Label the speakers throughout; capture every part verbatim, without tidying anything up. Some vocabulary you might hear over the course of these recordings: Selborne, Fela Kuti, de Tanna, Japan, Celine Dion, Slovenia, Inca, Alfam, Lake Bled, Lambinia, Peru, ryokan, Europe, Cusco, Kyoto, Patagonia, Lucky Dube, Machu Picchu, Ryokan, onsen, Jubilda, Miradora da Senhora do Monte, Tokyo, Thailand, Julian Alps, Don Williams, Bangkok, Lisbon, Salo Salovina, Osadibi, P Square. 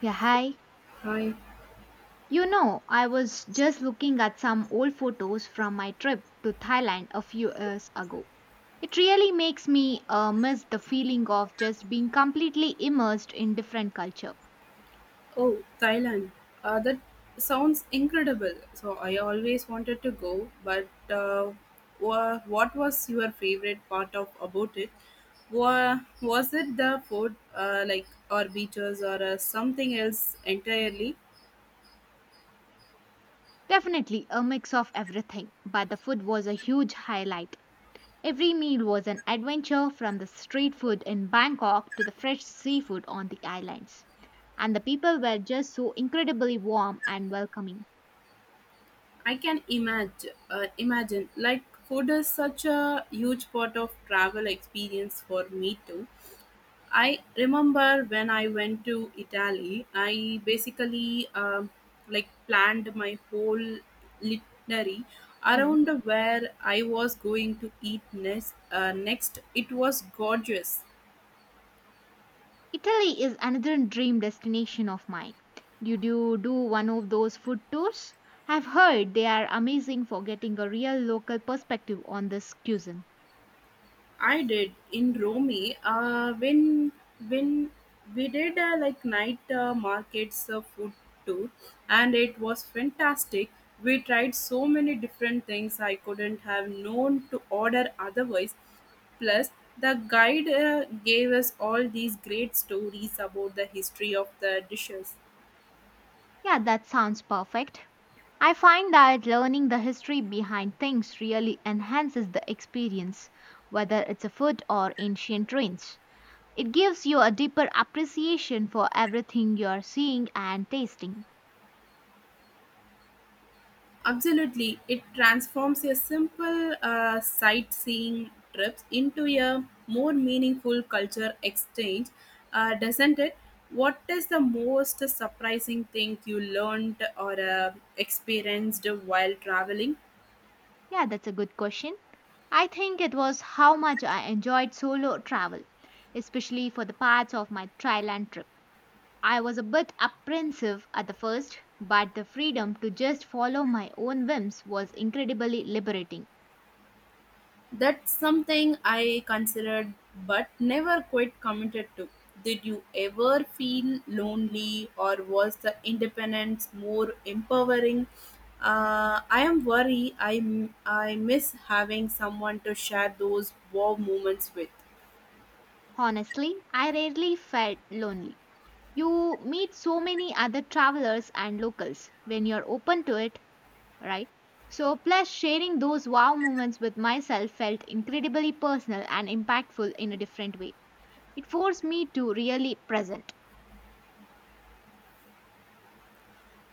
Speaker 1: Yeah, hi.
Speaker 2: Hi.
Speaker 1: You know, I was just looking at some old photos from my trip to Thailand a few years ago. It really makes me uh, miss the feeling of just being completely immersed in different culture.
Speaker 2: Oh, Thailand. Uh, that sounds incredible. So I always wanted to go, but uh, wha- what was your favorite part of about it? Wa- Was it the food, uh, like or beaches, or uh, something else entirely?
Speaker 1: Definitely a mix of everything, but the food was a huge highlight. Every meal was an adventure from the street food in Bangkok to the fresh seafood on the islands. And the people were just so incredibly warm and welcoming.
Speaker 2: I can imagine. Uh, imagine like food is such a huge part of travel experience for me too. I remember when I went to Italy, I basically um, like planned my whole itinerary
Speaker 1: Hmm.
Speaker 2: around where I was going to eat next. Uh, next, it was gorgeous.
Speaker 1: Italy is another dream destination of mine. Did you do one of those food tours? I've heard they are amazing for getting a real local perspective on this cuisine.
Speaker 2: I did in Romy uh, when when we did uh, like night uh, markets uh, food tour, and it was fantastic. We tried so many different things I couldn't have known to order otherwise. Plus, the guide uh, gave us all these great stories about the history of the dishes.
Speaker 1: Yeah, that sounds perfect. I find that learning the history behind things really enhances the experience, whether it's a food or ancient ruins. It gives you a deeper appreciation for everything you're seeing and tasting.
Speaker 2: Absolutely, it transforms a simple uh, sightseeing trips into a more meaningful culture exchange, uh, doesn't it? What is the most surprising thing you learned or uh, experienced while traveling?
Speaker 1: Yeah, that's a good question. I think it was how much I enjoyed solo travel, especially for the parts of my Thailand trip. I was a bit apprehensive at the first, but the freedom to just follow my own whims was incredibly liberating.
Speaker 2: That's something I considered but never quite committed to. Did you ever feel lonely or was the independence more empowering? Uh, I am worried I, m- I miss having someone to share those wow moments with.
Speaker 1: Honestly, I rarely felt lonely. You meet so many other travelers and locals when you're open to it, right? So, plus sharing those wow moments with myself felt incredibly personal and impactful in a different way. It forced me to really present.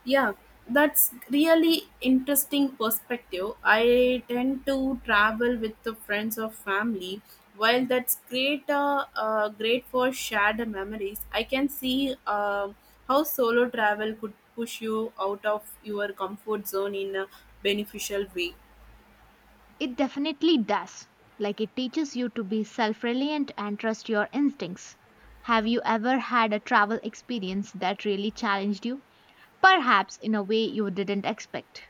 Speaker 2: Yeah, that's really interesting perspective. I tend to travel with the friends or family. While that's great, uh, uh, great for shared memories, I can see um how solo travel could push you out of your comfort zone in a beneficial way.
Speaker 1: It definitely does. Like it teaches you to be self reliant and trust your instincts. Have you ever had a travel experience that really challenged you? Perhaps in a way you didn't expect.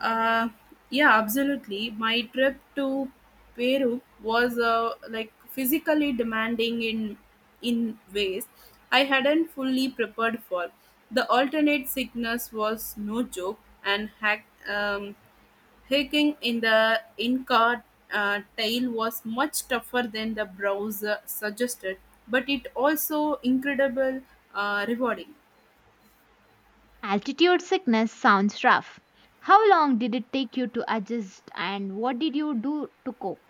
Speaker 2: Uh, yeah, absolutely. My trip to Peru was uh, like physically demanding in in ways I hadn't fully prepared for. The alternate sickness was no joke, and hack, um, hiking in the Inca uh, tail was much tougher than the browser suggested, but it also incredible uh, rewarding.
Speaker 1: Altitude sickness sounds rough. How long did it take you to adjust and what did you do to cope?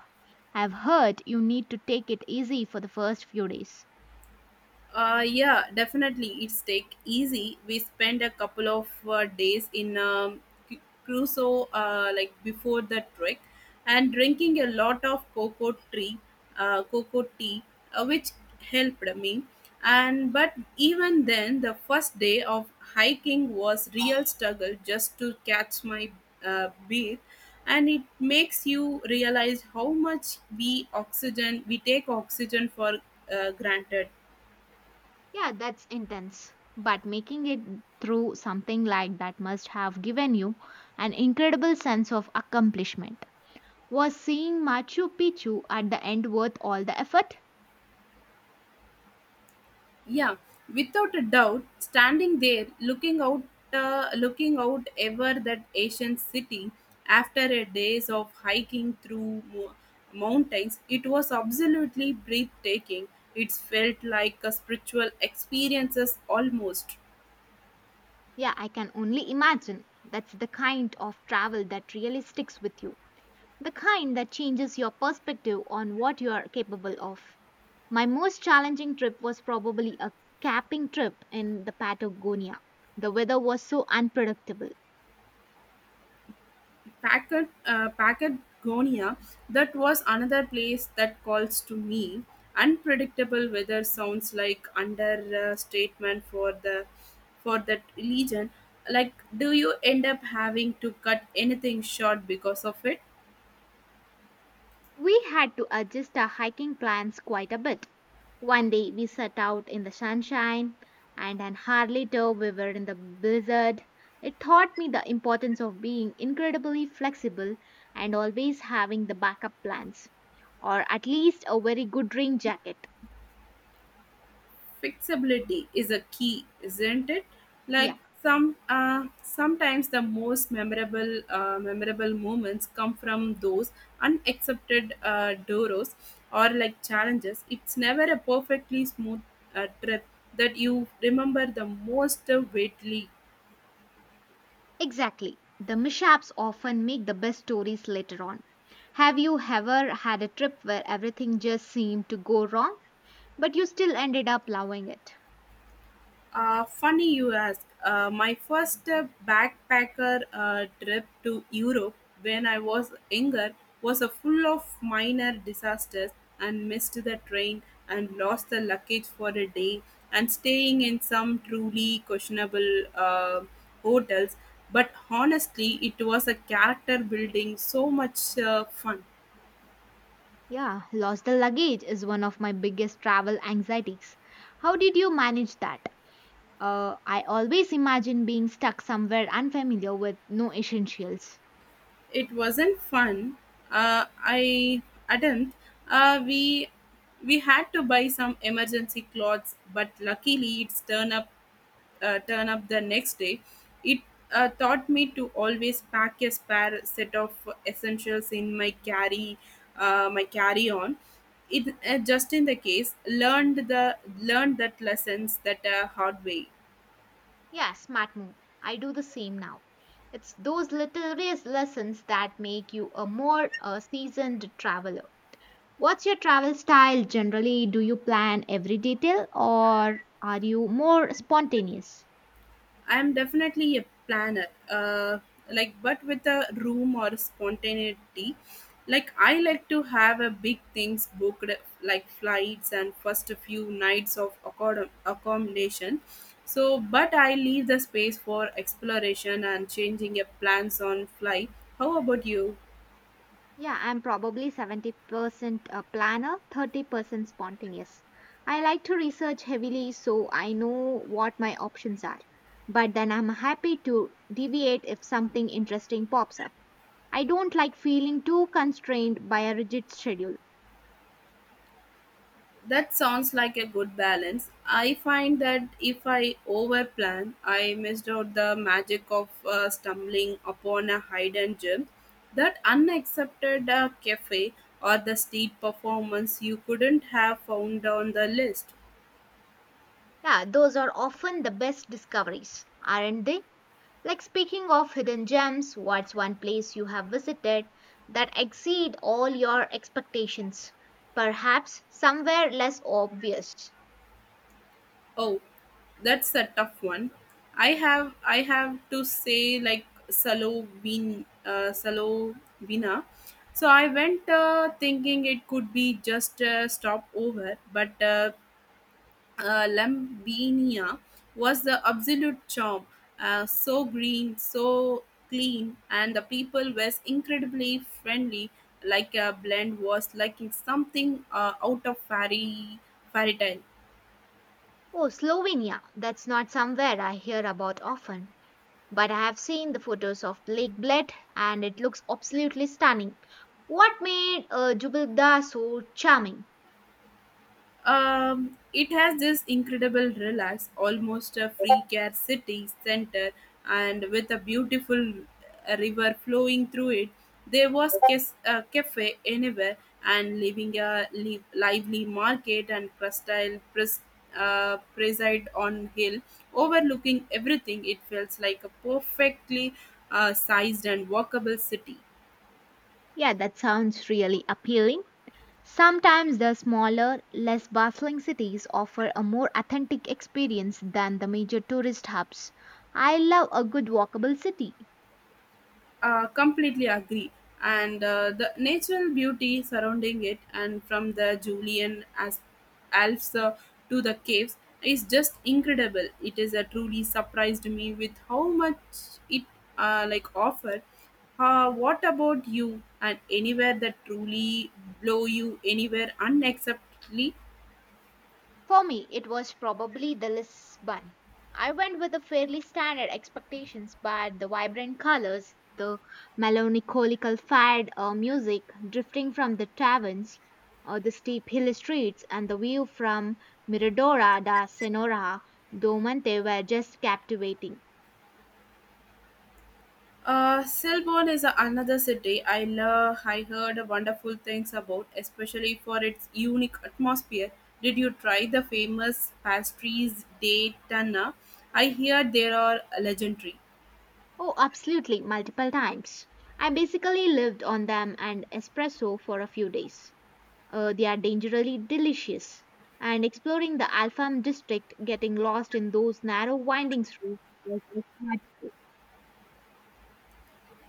Speaker 1: I've heard you need to take it easy for the first few days.
Speaker 2: Uh, yeah, definitely. It's take easy. We spent a couple of uh, days in um, Cu- Crusoe, uh, like before the trek, and drinking a lot of cocoa tree, uh, cocoa tea, uh, which helped me. And but even then, the first day of hiking was real struggle just to catch my uh, breath, and it makes you realize how much we oxygen we take oxygen for uh, granted.
Speaker 1: Yeah, that's intense. But making it through something like that must have given you an incredible sense of accomplishment. Was seeing Machu Picchu at the end worth all the effort?
Speaker 2: Yeah, without a doubt, standing there, looking out, uh, looking out ever that Asian city after a days of hiking through mo- mountains, it was absolutely breathtaking. It felt like a spiritual experiences almost.
Speaker 1: Yeah, I can only imagine. That's the kind of travel that really sticks with you. The kind that changes your perspective on what you are capable of. My most challenging trip was probably a camping trip in the Patagonia. The weather was so unpredictable.
Speaker 2: Packet, uh, Patagonia, that was another place that calls to me. Unpredictable weather sounds like understatement for the for that region. Like, do you end up having to cut anything short because of it?
Speaker 1: We had to adjust our hiking plans quite a bit. One day we set out in the sunshine, and an hour later we were in the blizzard. It taught me the importance of being incredibly flexible and always having the backup plans, or at least a very good rain jacket.
Speaker 2: Fixability is a key, isn't it? Like
Speaker 1: Yeah,
Speaker 2: some uh, Sometimes the most memorable uh, memorable moments come from those unaccepted uh, doros or like challenges. It's never a perfectly smooth uh, trip that you remember the most uh, vividly.
Speaker 1: exactly. The mishaps often make the best stories later on. Have you ever had a trip where everything just seemed to go wrong, but you still ended up loving it?
Speaker 2: Uh, funny you ask. Uh, my first uh, backpacker uh, trip to Europe when I was younger was a full of minor disasters and missed the train and lost the luggage for a day and staying in some truly questionable uh, hotels. But honestly, it was a character building so much uh, fun.
Speaker 1: Yeah, lost the luggage is one of my biggest travel anxieties. How did you manage that? Uh, I always imagine being stuck somewhere unfamiliar with no essentials.
Speaker 2: It wasn't fun. Uh, I admit, uh, we we had to buy some emergency clothes, but luckily it's turn up uh, turn up the next day. It uh, taught me to always pack a spare set of essentials in my carry uh, my carry on. It uh, just in the case learned the learned that lessons that uh, hard way.
Speaker 1: Yeah, smart move. I do the same now. It's those little res- lessons that make you a more uh, seasoned traveler. What's your travel style generally? Do you plan every detail or are you more spontaneous?
Speaker 2: I'm definitely a planner, uh, like but with a room or spontaneity. Like I like to have a big things booked, like flights and first a few nights of accom- accommodation. So, but I leave the space for exploration and changing a plans on fly. How about you?
Speaker 1: Yeah, I'm probably seventy percent a planner, thirty percent spontaneous. I like to research heavily so I know what my options are. But then I'm happy to deviate if something interesting pops up. I don't like feeling too constrained by a rigid schedule.
Speaker 2: That sounds like a good balance. I find that if I overplan, I missed out the magic of uh, stumbling upon a hidden gem, that unaccepted uh, cafe, or the street performance you couldn't have found on the list.
Speaker 1: Yeah, those are often the best discoveries, aren't they? Like speaking of hidden gems, what's one place you have visited that exceed all your expectations? Perhaps somewhere less obvious.
Speaker 2: Oh, that's a tough one. I have I have to say like Salo Salovin uh, Salo Salovina. So I went uh, thinking it could be just a stopover, but uh, uh, Lambinia was the absolute charm. Uh, so green, so clean, and the people was incredibly friendly. Like a blend was like it's something uh, out of fairy fairy tale.
Speaker 1: Oh, Slovenia. That's not somewhere I hear about often. But I have seen the photos of Lake Bled and it looks absolutely stunning. What made uh, Jubilda so charming?
Speaker 2: Um, it has this incredible relax, almost a free care city center, and with a beautiful uh, river flowing through it. There was kes- a cafe anywhere, and living a li- lively market and crustal pres- uh, preside on hill, overlooking everything. It feels like a perfectly uh, sized and walkable city.
Speaker 1: Yeah, that sounds really appealing. Sometimes the smaller, less bustling cities offer a more authentic experience than the major tourist hubs. I love a good walkable city.
Speaker 2: Uh, completely agree, and uh, the natural beauty surrounding it and from the julian as alps, uh, to the caves, is just incredible. It is a truly surprised me with how much it uh, like offered. Uh, what about you? And anywhere that truly blow you anywhere unacceptably?
Speaker 1: For me, it was probably the Lisbon. I went with a fairly standard expectations, but the vibrant colors, the melancholical fad uh, music drifting from the taverns, or the steep hill streets, and the view from Miradora da Senhora do Monte were just captivating.
Speaker 2: Uh, Selborne is another city I love. I heard wonderful things about, especially for its unique atmosphere. Did you try the famous pastries de Tanna? I hear they are legendary.
Speaker 1: Oh, absolutely, multiple times. I basically lived on them and espresso for a few days. Uh, they are dangerously delicious. And exploring the Alfam district, getting lost in those narrow winding streets was just magical.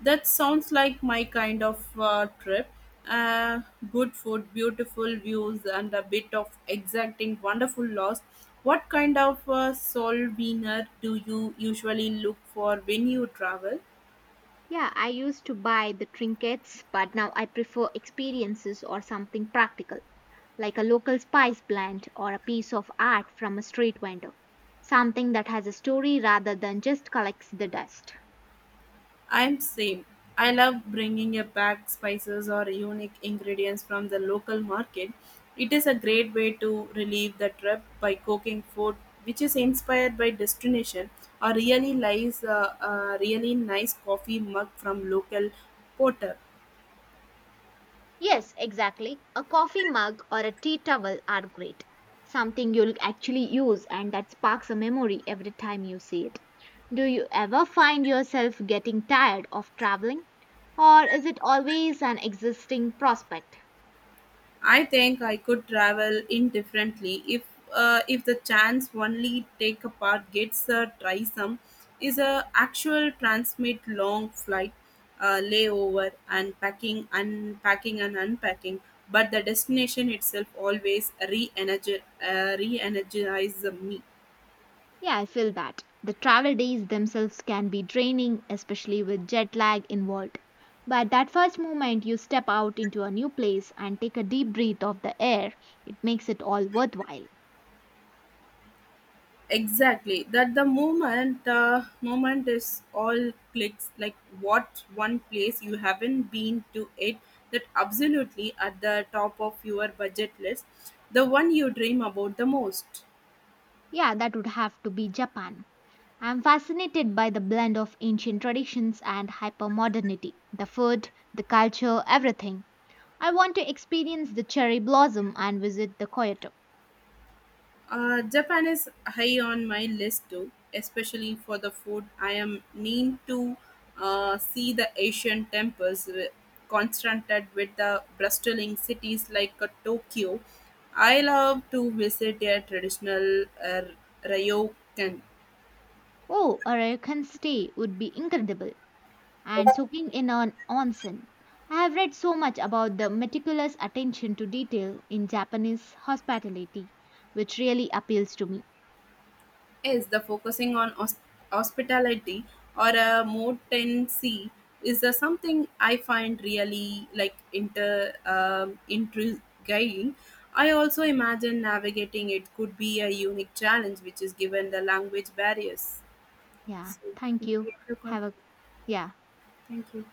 Speaker 2: That sounds like my kind of uh, trip. Uh, Good food, beautiful views, and a bit of exacting, wonderful loss. What kind of uh, soul winner do you usually look for when you travel?
Speaker 1: Yeah, I used to buy the trinkets, but now I prefer experiences or something practical, like a local spice blend or a piece of art from a street vendor. Something that has a story rather than just collects the dust.
Speaker 2: I'm same. I love bringing a back spices or unique ingredients from the local market. It is a great way to relieve the trip by cooking food which is inspired by destination or really nice, uh, uh, really nice coffee mug from local porter.
Speaker 1: Yes, exactly. A coffee mug or a tea towel are great. Something you'll actually use and that sparks a memory every time you see it. Do you ever find yourself getting tired of traveling? Or is it always an existing prospect?
Speaker 2: I think I could travel indifferently if uh, if the chance only take a part gets a try. Some, is a actual transmit long flight uh, layover and packing unpacking and unpacking, but the destination itself always re-energi- uh, re-energizes me.
Speaker 1: Yeah, I feel that. The travel days themselves can be draining, especially with jet lag involved. But that first moment you step out into a new place and take a deep breath of the air, it makes it all worthwhile.
Speaker 2: Exactly, that the moment uh, moment is all clicks. Like what one place you haven't been to it that absolutely at the top of your budget list, the one you dream about the most?
Speaker 1: Yeah, that would have to be Japan. I'm fascinated by the blend of ancient traditions and hypermodernity. The food, the culture, everything. I want to experience the cherry blossom and visit the Kyoto.
Speaker 2: Uh, Japan is high on my list too, especially for the food. I am mean to uh, see the Asian temples wi- contrasted with the bustling cities like uh, Tokyo. I love to visit their traditional uh, ryokan.
Speaker 1: Oh, a Ryokan stay would be incredible. And soaking in an onsen. I have read so much about the meticulous attention to detail in Japanese hospitality, which really appeals to me.
Speaker 2: Is the focusing on hos- hospitality or a more motency is uh, something I find really like inter um, intriguing. I also imagine navigating it could be a unique challenge, which is given the language barriers.
Speaker 1: Yeah,
Speaker 2: So,
Speaker 1: thank you. Have a yeah.
Speaker 2: thank you.